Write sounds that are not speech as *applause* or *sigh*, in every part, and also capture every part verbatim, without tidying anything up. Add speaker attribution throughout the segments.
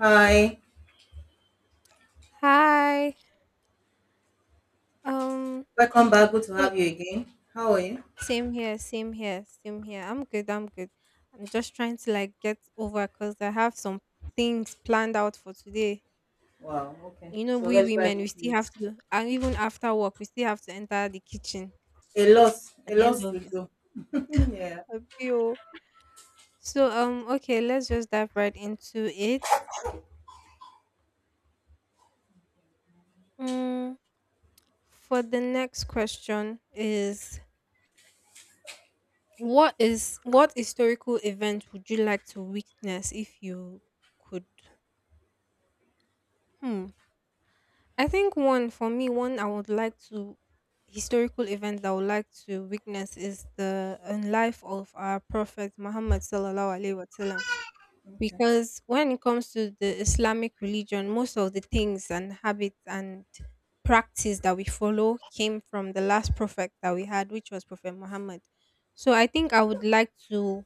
Speaker 1: Hi,
Speaker 2: Hi. Um
Speaker 1: welcome back. Good to
Speaker 2: so
Speaker 1: have you again. How are you?
Speaker 2: same here, same here, same here. I'm good, I'm good. I'm just trying to like get over cuz I have some things planned out for today.
Speaker 1: Wow, okay.
Speaker 2: You know,
Speaker 1: So
Speaker 2: we
Speaker 1: let's dive
Speaker 2: women we
Speaker 1: into
Speaker 2: still
Speaker 1: it.
Speaker 2: have to and even after work we still have to enter the kitchen
Speaker 1: A lot,
Speaker 2: at
Speaker 1: a
Speaker 2: the
Speaker 1: lot
Speaker 2: end of
Speaker 1: to
Speaker 2: it.
Speaker 1: do. Mm. Yeah,
Speaker 2: Okay, oh. So um okay, let's just dive right into it. Mm, for the next question is what is what historical event would you like to witness if you could? Hmm. I think one for me, one I would like to historical event that I would like to witness is the in life of our Prophet Muhammad sallallahu alaihi wasallam.
Speaker 1: okay.
Speaker 2: Because when it comes to the Islamic religion, most of the things and habits and practice that we follow came from the last prophet that we had, which was Prophet Muhammad. So I think I would like to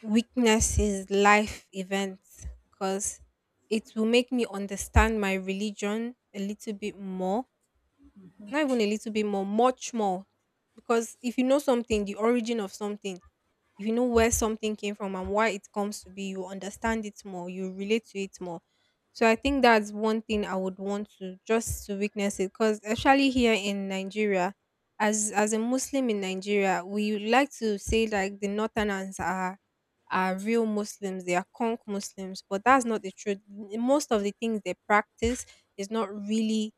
Speaker 2: witnesses life events because it will make me understand my religion a little bit more. Not even a little bit more, much more. Because if you know something, the origin of something, you know where something came from and why it comes to be, you understand it more, you relate to it more. So I think that's one thing I would want to, just to witness it, because especially here in Nigeria, as as a Muslim in Nigeria, we like to say like the northerners are are real Muslims, they are conk Muslims, but that's not the truth. N- most of the things they practice is not really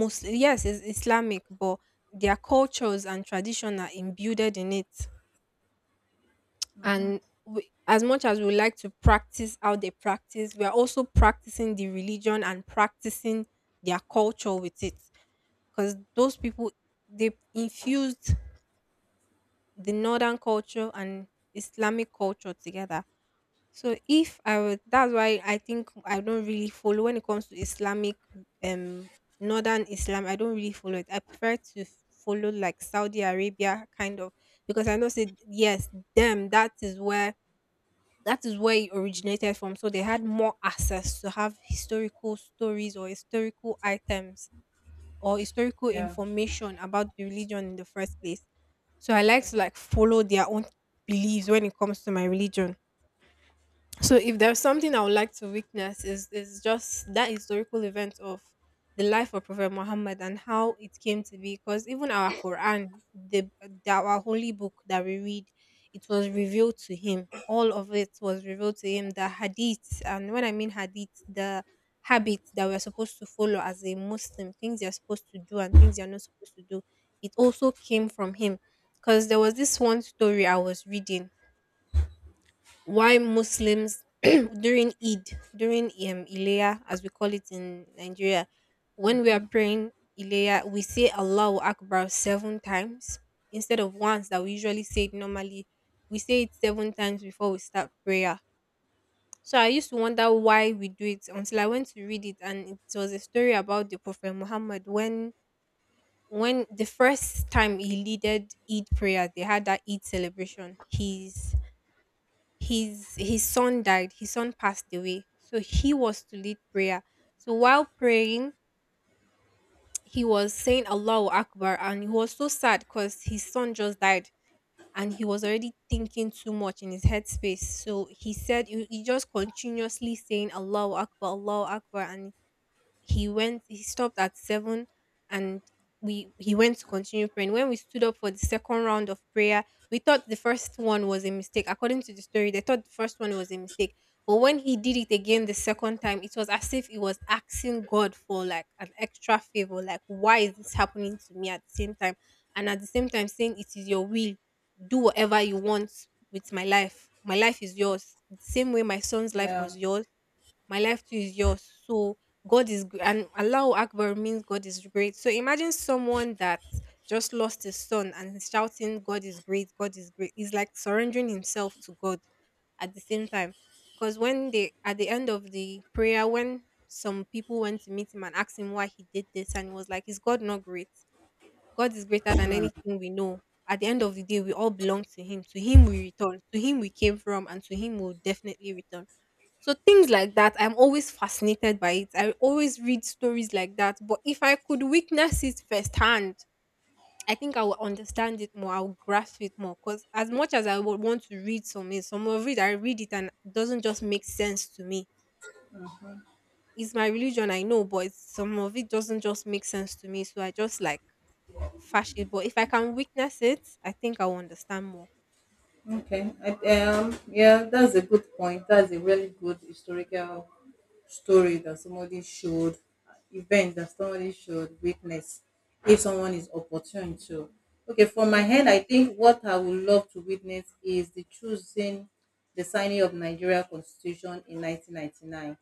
Speaker 2: Muslim. Yes, it's Islamic, but their cultures and tradition are imbued in it. And we, as much as we like to practice how they practice, we are also practicing the religion and practicing their culture with it, because those people, they infused the northern culture and Islamic culture together. So if I would, that's why I think I don't really follow when it comes to Islamic um northern Islam. I don't really follow it. I prefer to follow like Saudi Arabia kind of, because I know say yes them, that is where that is where it originated from. So they had more access to have historical stories or historical items or historical
Speaker 1: Yeah,
Speaker 2: information about the religion in the first place. So I like
Speaker 1: okay.
Speaker 2: to like follow their own beliefs when it comes to my religion. So if there's something I would like to witness is is just that historical event of the life of Prophet Muhammad and how it came to be. Because even our Quran, the, the our holy book that we read, it was revealed to him. All of it was revealed to him. The hadith, and when I mean hadith, the habits that we're supposed to follow as a Muslim, things you're supposed to do and things you're not supposed to do. It also came from him. Because there was this one story I was reading why Muslims *clears throat* during Eid, during um, Ileya, as we call it in Nigeria, when we are praying Ileya, we say Allahu Akbar seven times instead of once that we usually say it normally. We say it seven times before we start prayer. So I used to wonder why we do it until I went to read it, and it was a story about the Prophet Muhammad when when the first time he leaded Eid prayer, they had that Eid celebration. His his his son died, his son passed away, so he was to lead prayer. So while praying, he was saying Allahu Akbar, and he was so sad because his son just died, and he was already thinking too much in his headspace. So he said he, he just continuously saying Allahu Akbar, Allahu Akbar, and he went he stopped at seven. And we he went to continue praying. When we stood up for the second round of prayer, we thought the first one was a mistake. According to the story, they thought the first one was a mistake. But when he did it again the second time, it was as if he was asking God for like an extra favor. Like, why is this happening to me at the same time? And at the same time saying, it is your will. Do whatever you want with my life. My life is yours. The same way my son's life
Speaker 1: Yeah,
Speaker 2: was yours, my life too is yours. So God is gr- and Allahu Akbar means God is great. So imagine someone that just lost his son and is shouting, God is great, God is great. He's like surrendering himself to God at the same time. Because when they at the end of the prayer, when some people went to meet him and asked him why he did this, and he was like, is God not great? God is greater than anything we know. At the end of the day, we all belong to Him. To Him we return. To Him we came from, and to Him we'll definitely return. So things like that, I'm always fascinated by it. I always read stories like that. But if I could witness it firsthand, I think I will understand it more. I will grasp it more. Because as much as I would want to read some, is- some of it I read it and it doesn't just make sense to me. It's my religion, I know, but it's, some of it doesn't just make sense to me. So I just like Fash it, but if I can witness it, I think I will understand more.
Speaker 1: okay. I, um, yeah, that's a good point. That's a really good historical story that somebody showed, event that somebody should witness if someone is opportune to. Okay, from my end,
Speaker 2: Mhm.
Speaker 1: I think what I would love to witness is the choosing the signing of Nigeria Constitution in nineteen ninety-nine.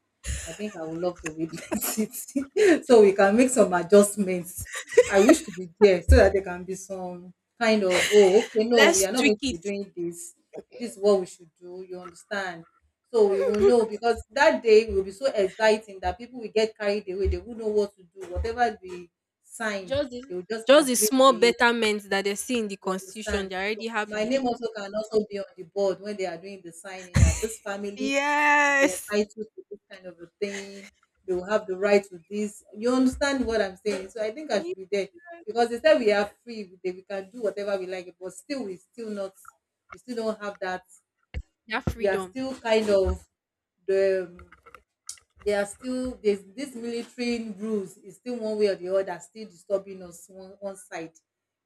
Speaker 1: I think I would love to witness *laughs* it so we can make some adjustments. I wish to be there so that there can be some kind of, oh, okay, no, we
Speaker 2: Let's
Speaker 1: are not
Speaker 2: tweak
Speaker 1: going to be
Speaker 2: it.
Speaker 1: doing this. This is what we should do. You understand? So we will know
Speaker 2: *laughs*
Speaker 1: because that day will be so exciting that people will get carried away. They will know what to do. Whatever we sign,
Speaker 2: Just the,
Speaker 1: they will just
Speaker 2: just the
Speaker 1: agree
Speaker 2: small
Speaker 1: with it.
Speaker 2: betterment that they see in the
Speaker 1: You
Speaker 2: constitution,
Speaker 1: understand?
Speaker 2: they're already
Speaker 1: So my
Speaker 2: happy.
Speaker 1: name also can also be on the board when they are doing the signing, that this family will be
Speaker 2: Yes.
Speaker 1: entitled to this kind of a thing. They will have the right to this. You understand what I'm saying? So I think I
Speaker 2: Need
Speaker 1: should be there because they said we are free. We we can do whatever we like, but still we still not. We still don't have that.
Speaker 2: their
Speaker 1: We are
Speaker 2: freedom.
Speaker 1: still kind of the um, they are still, there's this military rules is still one way or the other still disturbing us one one side.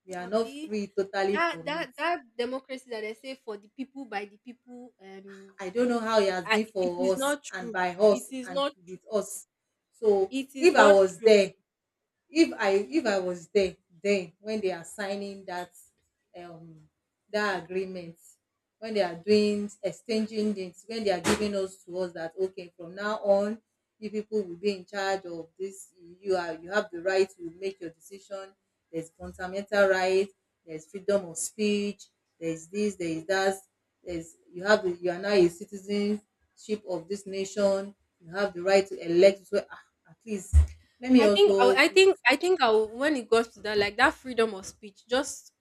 Speaker 1: We are not
Speaker 2: Abi,
Speaker 1: free totally
Speaker 2: that
Speaker 1: from it.
Speaker 2: that that democracy that they say for the people by the people, um,
Speaker 1: I don't know how it has
Speaker 2: I,
Speaker 1: been
Speaker 2: it is
Speaker 1: for us
Speaker 2: not
Speaker 1: and
Speaker 2: true.
Speaker 1: by
Speaker 2: It
Speaker 1: us
Speaker 2: is
Speaker 1: and
Speaker 2: not. True.
Speaker 1: with us. So
Speaker 2: It is
Speaker 1: if I
Speaker 2: not
Speaker 1: was
Speaker 2: true.
Speaker 1: there, if i if i was there, then when they are signing that um that agreement, when they are doing exchanging things, when they are giving us to us that okay, from now on you people will be in charge of this. You are you have the right to make your decision. There's fundamental right, there's freedom of speech, there's this, there is that, there's, you have the, you are now a citizenship of this nation. You have the right to elect. So ah, at least let me
Speaker 2: I think I,
Speaker 1: also
Speaker 2: I
Speaker 1: put.
Speaker 2: think I think I would- when it got to that, like that freedom of speech, just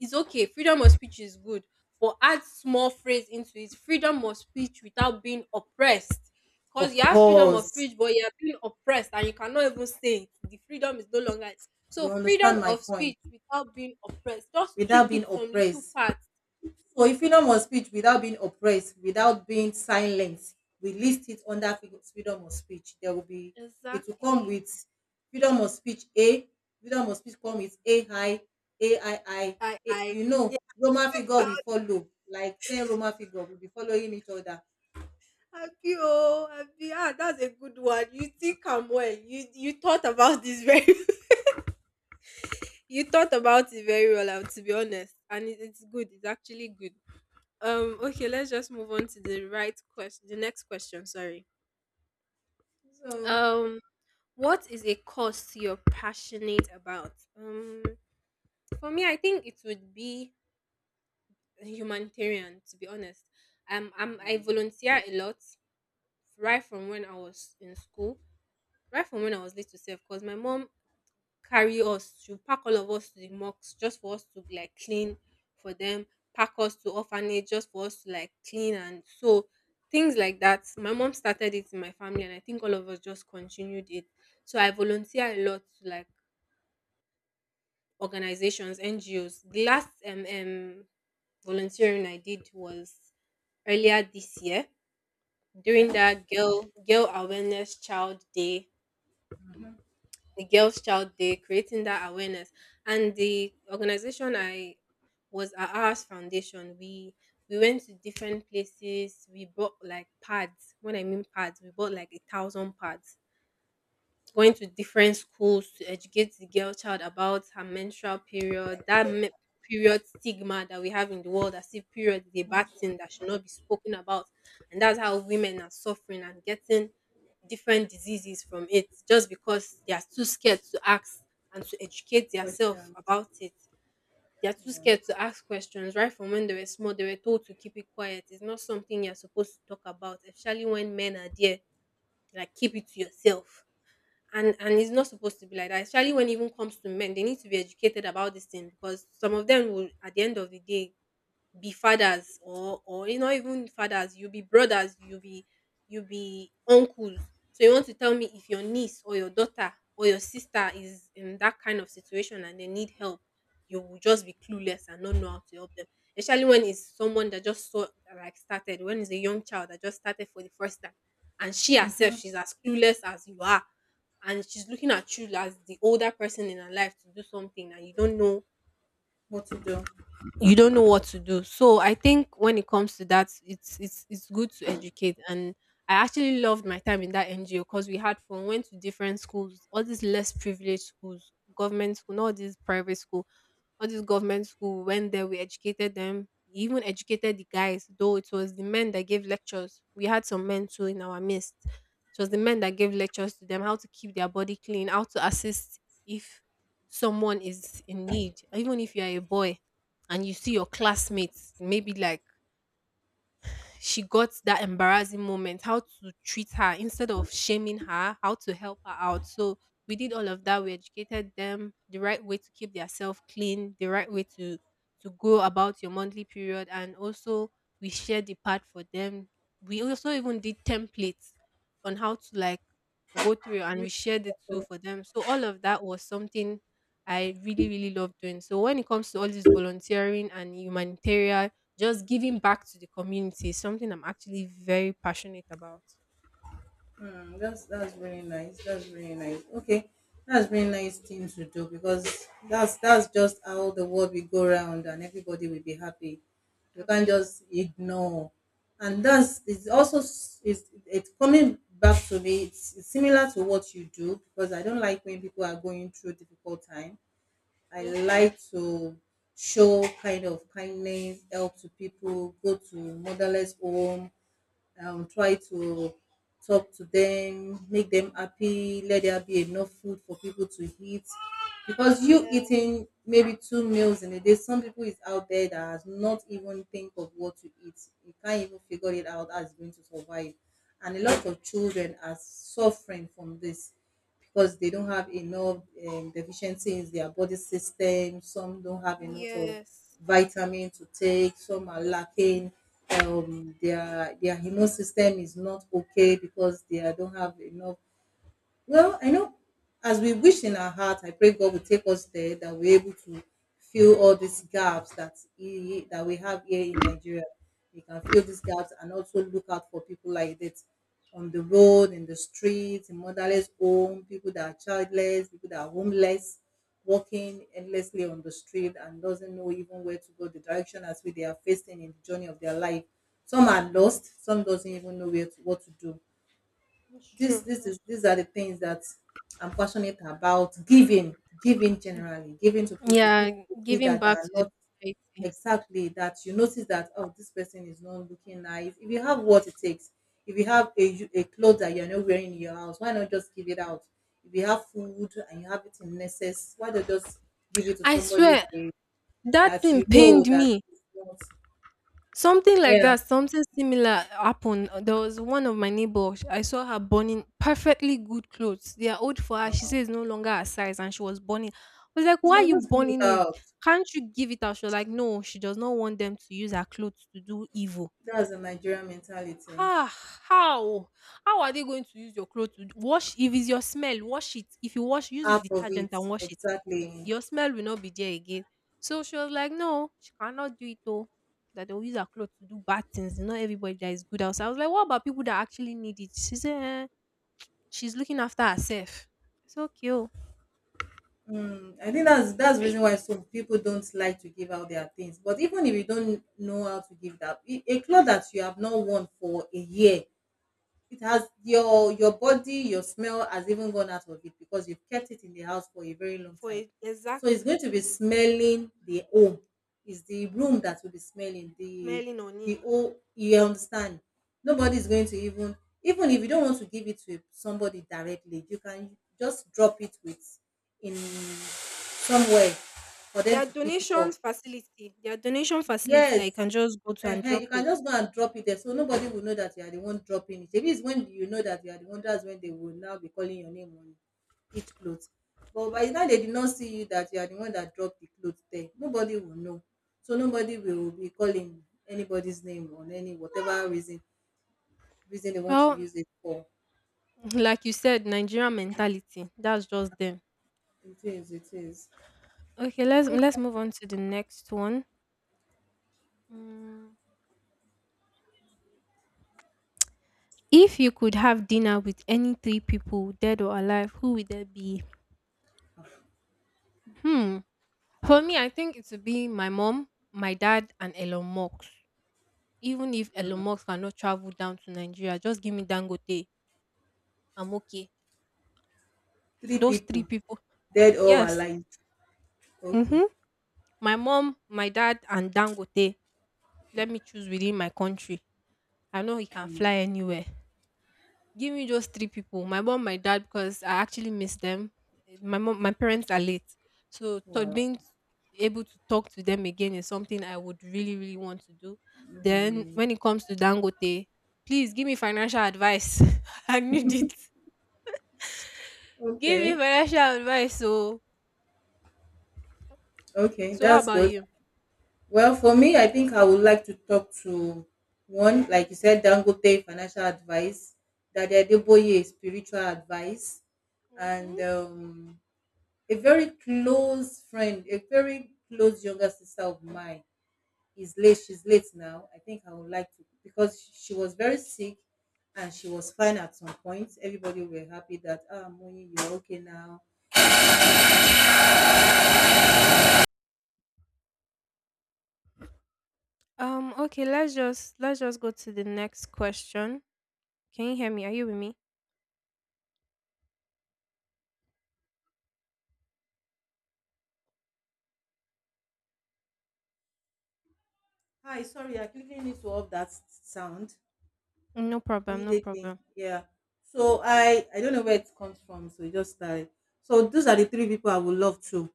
Speaker 2: is okay. Freedom of speech is good, but add small phrase into it. Freedom of speech without being oppressed. Cause
Speaker 1: Of
Speaker 2: you have freedom of
Speaker 1: course,
Speaker 2: speech, but you are being oppressed and you cannot even say it. The freedom is no longer. So
Speaker 1: you
Speaker 2: freedom
Speaker 1: understand my
Speaker 2: of
Speaker 1: point.
Speaker 2: speech without being oppressed. Just tweak
Speaker 1: Without being
Speaker 2: it some little
Speaker 1: oppressed.
Speaker 2: parts.
Speaker 1: So, if freedom of speech without being oppressed, without being silenced, we list it under fre- freedom of speech. There will be, it will come
Speaker 2: Exactly.
Speaker 1: with freedom of speech A, freedom of speech come with A I, A I I.
Speaker 2: I I
Speaker 1: you know, Roman figure we follow, like ten Roman figure, we'll be following each other.
Speaker 2: happy oh happy ah, that's a good one. You think I'm well. You you thought about this very *laughs* you thought about it very well, I to be honest, and it, it's good. It's actually good. Um, okay, let's just move on to the right question. The next question, sorry.
Speaker 1: So,
Speaker 2: Um, what is a cause you're passionate about? Um, for me, I think it would be humanitarian. To be honest, um, I'm I volunteer a lot right from when I was in school, right from when I was little self, because my mom carry us. She'll pack all of us to the mosque just for us to like clean for them, pack us to orphanage just for us to like clean and so things like that. My mom started it in my family and I think all of us just continued it. So I volunteer a lot to like organizations, N G Os. The last um, um volunteering I did was earlier this year
Speaker 1: okay,
Speaker 2: during that girl girl awareness child day, the Girls Child Day, creating that awareness. And the organization I was our Ours Foundation. We we went to different places. We bought like pads. When I mean pads, we bought like a thousand pads, going to different schools to educate the girl child about her menstrual period, that me- period stigma that we have in the world, as if period is a bad thing that should not be spoken about. And that's how women are suffering and getting different diseases from it just because they are too scared to ask and to educate themselves
Speaker 1: question.
Speaker 2: about it. They are too scared to ask questions. Right from when they were small, they were told to keep it quiet. It's not something you're supposed to talk about, especially when men are there. Like, keep it to yourself and and it's not supposed to be like that, especially when it even comes to men. They need to be educated about this thing because some of them will, at the end of the day, be fathers or or you know, even fathers, you be brothers, you be you be uncles. So you want to tell me if your niece or your daughter or your sister is in that kind of situation and they need help, you will just be clueless and not know how to help them, especially when it's someone that just saw, like, started, when it's a young child that just started for the first time, and she herself, she's as clueless as you are, and she's looking at you as the older person in her life to do something and you don't know,
Speaker 1: What to do?
Speaker 2: you don't know what to do. So I think when it comes to that, it's it's it's good to educate. And I actually loved my time in that N G O because we had fun, went to different schools, all these less privileged schools, government school, not all these private school, all these government school. Went there, we educated them. We even educated the guys, though it was the men that gave lectures. We had some men too in our midst. It was the men that gave lectures to them, how to keep their body clean, how to assist if someone is in need. Even if you are a boy and you see your classmates, maybe, like, she got that embarrassing moment, how to treat her instead of shaming her, how to help her out. So we did all of that. We educated them the right way to keep their self clean, the right way to to go about your monthly period, and also we shared the part for them. We also even did templates on how to, like, go through, and we shared it too for them. So all of that was something I really, really love doing. So when it comes to all this volunteering and humanitarian, just giving back to the community is something I'm actually very passionate about.
Speaker 1: Hmm. that's that's really nice. That's really nice. Okay, that's really nice thing to do because that's that's just how the world will go round and everybody will be happy. You can't
Speaker 2: Abio.
Speaker 1: just ignore, and that's it's also s- it's it's coming back to me. It's, it's similar to what you do because I don't like when people are going through difficult time. I
Speaker 2: Mm-hmm.
Speaker 1: like to show kind of kindness, help to people, go to motherless home, um, try to talk to them, make them happy, let there be enough food for people to eat. Because you
Speaker 2: Yeah.
Speaker 1: eating maybe two meals in a day, some people is out there that has not even think of what to eat. You can't even figure it out how it's going to survive. And a lot of children are suffering from this because they don't have enough, um, deficiency in their body system. Some don't have enough of
Speaker 2: Yes.
Speaker 1: vitamin to take. Some are lacking. Um, their their immune system is not okay because they are- don't have enough. Well, I know as we wish in our heart, I pray God will take us there that we're able to fill all these gaps that he, that we have here in Nigeria. We can fill these gaps and also look out for people like that on the road, in the streets, in motherless home, people that are childless, people that are homeless, walking endlessly on the street and doesn't know even where to go, the direction as we they are facing in the journey of their life. Some are lost, some doesn't even know where to, what to do.
Speaker 2: It's
Speaker 1: this
Speaker 2: true.
Speaker 1: this
Speaker 2: It's
Speaker 1: is these are the things that I'm passionate about. Giving, giving generally, giving to
Speaker 2: true.
Speaker 1: people,
Speaker 2: Yeah,
Speaker 1: people you see
Speaker 2: giving
Speaker 1: that they
Speaker 2: back
Speaker 1: are
Speaker 2: to the
Speaker 1: not
Speaker 2: society.
Speaker 1: exactly that you notice that, oh, this person is not looking nice. If you have what it takes, if you have a u- a clothes that you're not wearing in your house, why not just give it out? If you have food and you have it in excess, why not just give it to
Speaker 2: I
Speaker 1: somebody
Speaker 2: swear
Speaker 1: that you,
Speaker 2: that
Speaker 1: that
Speaker 2: thing
Speaker 1: you know
Speaker 2: pained
Speaker 1: that
Speaker 2: me.
Speaker 1: is not,
Speaker 2: Something like
Speaker 1: yeah.
Speaker 2: that, something similar happened. There was one of my neighbors. I saw her burning perfectly good clothes. They are old for her. She says it's no longer her size, and she was burning. I was like,
Speaker 1: You
Speaker 2: "Why are
Speaker 1: can
Speaker 2: you
Speaker 1: just give it
Speaker 2: burning it?
Speaker 1: out.
Speaker 2: Can't you give it out?" She was like, "No, she does not want them to use her clothes to do evil."
Speaker 1: That's the Nigerian mentality.
Speaker 2: Ah, how? How are they going to use your clothes to wash? If it's your smell, wash it. If you wash, use a
Speaker 1: Half of
Speaker 2: detergent
Speaker 1: it,
Speaker 2: and wash it,
Speaker 1: exactly.
Speaker 2: your smell will not be there again. So she was like, no, she cannot do it though. That they'll use her clothes to do bad things. Not everybody that is good outside. I was like, what about people that actually need it? She said, eh, she's looking after herself. It's okay. Oh.
Speaker 1: Mm, I think that's that's the reason why so people don't like to give out their things. But even if you don't know how to give that, i- a cloth that you have not worn for a year, it has your your body, your smell has even gone out of it because you've kept it in the house for a very long
Speaker 2: For
Speaker 1: time.
Speaker 2: it,
Speaker 1: So it's
Speaker 2: exactly.
Speaker 1: going to be smelling the home. It's the room that will be smelling the
Speaker 2: Smelling on
Speaker 1: the
Speaker 2: it.
Speaker 1: home. You understand? Nobody's going to even, even if you don't want to give it to somebody directly, you can just drop it with in somewhere for them
Speaker 2: Their
Speaker 1: to pick it
Speaker 2: donation
Speaker 1: up.
Speaker 2: facility. Their donation facility that you
Speaker 1: Yes,
Speaker 2: can just go to and
Speaker 1: ehen,
Speaker 2: drop
Speaker 1: you can
Speaker 2: it.
Speaker 1: just go and drop it there, so nobody will know that you are the one dropping it. Maybe it's when you know that you are the one, that's when they will now be calling your name on each clothes. But by the time they did not see you that you are the one that dropped the clothes there, nobody will know. So nobody will be calling anybody's name on any whatever reason reason they want to
Speaker 2: Well,
Speaker 1: use it for.
Speaker 2: *laughs* like you said, Nigerian mentality. That's just them.
Speaker 1: It is, it is.
Speaker 2: Okay, let's let's move on to the next one. Mm. If you could have dinner with any three people, dead or alive, who would that be? Hmm. For me, I think it would be my mom, my dad, and Elon Musk. Even if Elon Musk cannot travel down to Nigeria, just give me Dangote. I'm okay.
Speaker 1: Three
Speaker 2: Those three
Speaker 1: people,
Speaker 2: people.
Speaker 1: dead or
Speaker 2: Yes.
Speaker 1: alive. Okay.
Speaker 2: Mm-hmm. My mom, my dad, and Dangote. Let me choose within my country. I know he can fly anywhere. Give me just three people, my mom, my dad, because I actually miss them. My mom, my parents are late, so to
Speaker 1: Wow.
Speaker 2: being able to talk to them again is something I would really, really want to do. Then when it comes to Dangote, please give me financial advice. *laughs* I need it. Give me
Speaker 1: Okay.
Speaker 2: financial advice. So
Speaker 1: Okay.
Speaker 2: so how
Speaker 1: That's
Speaker 2: about
Speaker 1: good.
Speaker 2: you?
Speaker 1: Well, for me, I think I would like to talk to one, like you said, Dangote, financial advice; Daddy Adeboye, spiritual advice; and
Speaker 2: Hmm.
Speaker 1: um, a very close friend, a very close younger sister of mine is late. She's late now. I think I would like to, because she was very sick and she was fine at some point. Everybody were happy that, ah, Moni, you're okay now.
Speaker 2: Um. Okay. Let's just let's just go to the next question. Can you hear me? Are you with me?
Speaker 1: Hi, sorry, I quickly need to off that sound.
Speaker 2: No problem. No
Speaker 1: Immediately,
Speaker 2: problem.
Speaker 1: yeah, so i i don't know where it comes from, so it just started. So those are the three people I would love to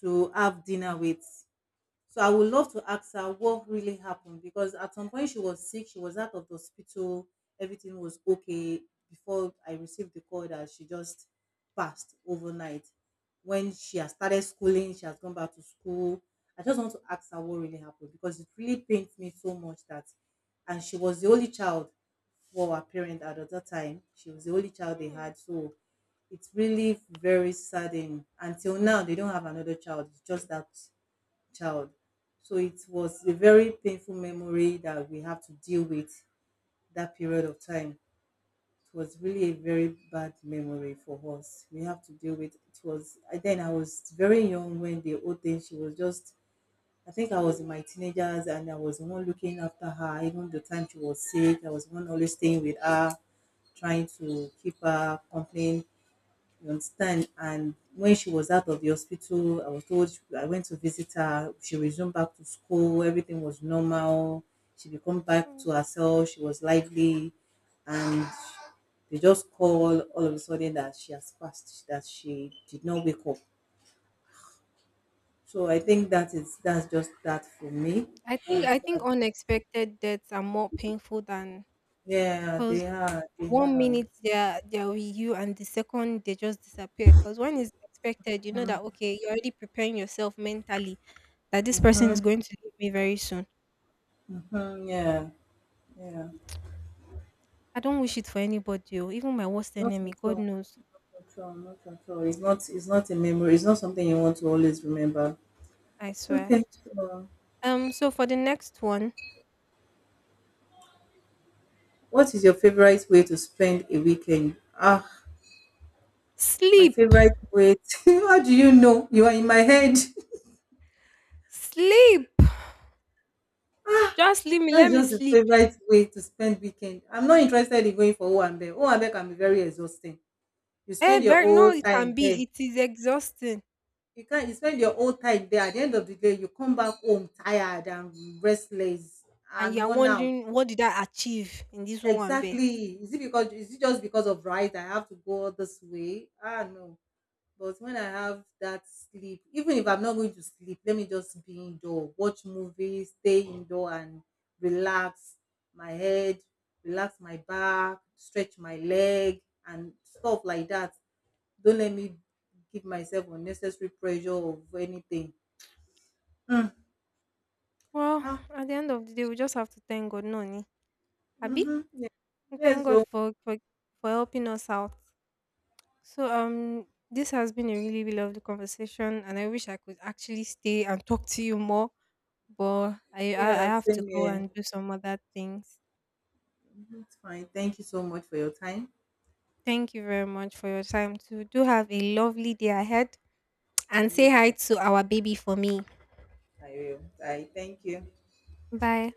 Speaker 1: to have dinner with. So I would love to ask her what really happened because at some point she was sick, she was out of the hospital, everything was okay before I received the call that she just passed overnight. When she has started schooling, she has gone back to school. I just want to ask her what really happened because it really pains me so much, that, and she was the only child for her parent at that time. She was the only child they had. So it's really very saddening. Until now, they don't have another child. It's just that child. So it was a very painful memory that we have to deal with, that period of time. It was really a very bad memory for us. We have to deal with it. Was then I was very young when the old thing she was just, I think I was in my teenagers and I was the one looking after her even the time she was sick. I was the one always staying with her, trying to keep her company, you understand? And when she was out of the hospital, I was told, she- I went to visit her. She resumed back to school. Everything was normal. She become back
Speaker 2: Hmm.
Speaker 1: to herself. She was lively, and they just call all of a sudden that she has passed, that she did not wake up. So I think that is that's just that for me.
Speaker 2: I think
Speaker 1: That's
Speaker 2: I think
Speaker 1: that.
Speaker 2: unexpected deaths are more painful than
Speaker 1: Yeah,
Speaker 2: because
Speaker 1: they are. They
Speaker 2: one
Speaker 1: are.
Speaker 2: minute they're they're with you and the second they just disappear. Because when it's expected, you know that okay, you're already preparing yourself mentally that this person
Speaker 1: Mhm,
Speaker 2: is going to leave me very soon.
Speaker 1: mhm. Yeah. Yeah.
Speaker 2: I don't wish it for anybody, or even my worst
Speaker 1: Not
Speaker 2: enemy.
Speaker 1: at
Speaker 2: God
Speaker 1: all.
Speaker 2: knows,
Speaker 1: Not not at all. It's not, it's not a memory. It's not something you want to always remember.
Speaker 2: I swear.
Speaker 1: Okay, so
Speaker 2: Um, so for the next one,
Speaker 1: what is your favorite way to spend a weekend? Ah, my
Speaker 2: sleep,
Speaker 1: favorite way to- *laughs* How do you know? You are in my head. *laughs*
Speaker 2: sleep. Just leave me, let
Speaker 1: That's
Speaker 2: me
Speaker 1: just the
Speaker 2: sleep.
Speaker 1: favorite way to spend weekend. I'm not interested in going for Owambe. Owambe can be very exhausting. You
Speaker 2: Eh,
Speaker 1: spend your
Speaker 2: very no,
Speaker 1: whole
Speaker 2: it can
Speaker 1: time
Speaker 2: be.
Speaker 1: there.
Speaker 2: It is exhausting,
Speaker 1: You can't you spend your whole time there. At the end of the day, you come back home tired and restless
Speaker 2: and
Speaker 1: and
Speaker 2: you're
Speaker 1: worn out.
Speaker 2: wondering, what did I achieve in this Owambe?
Speaker 1: Exactly. Is it because is it just because of, right? I have to go all this way. Ah, no. But when I have that sleep, even if I'm not going to sleep, let me just be indoor, watch movies, stay indoor and relax my head, relax my back, stretch my leg and stuff like that. Don't let me give myself unnecessary pressure of anything. Mm.
Speaker 2: Well,
Speaker 1: Ah,
Speaker 2: at the end of the day, we just have to thank God, no Abi,
Speaker 1: mm-hmm.
Speaker 2: we thank
Speaker 1: Yes,
Speaker 2: God
Speaker 1: so
Speaker 2: for, for for helping us out. So um, this has been a really, really lovely conversation, and I wish I could actually stay and talk to you more, but I I, I
Speaker 1: yeah,
Speaker 2: have to
Speaker 1: same
Speaker 2: go
Speaker 1: here.
Speaker 2: and do some other things.
Speaker 1: Mhm, it's fine. Thank you so much for your time.
Speaker 2: Thank you very much for your time too. Do have a lovely day ahead, and
Speaker 1: And
Speaker 2: say
Speaker 1: you
Speaker 2: hi
Speaker 1: too.
Speaker 2: to our baby for me.
Speaker 1: I will. I thank you.
Speaker 2: Bye.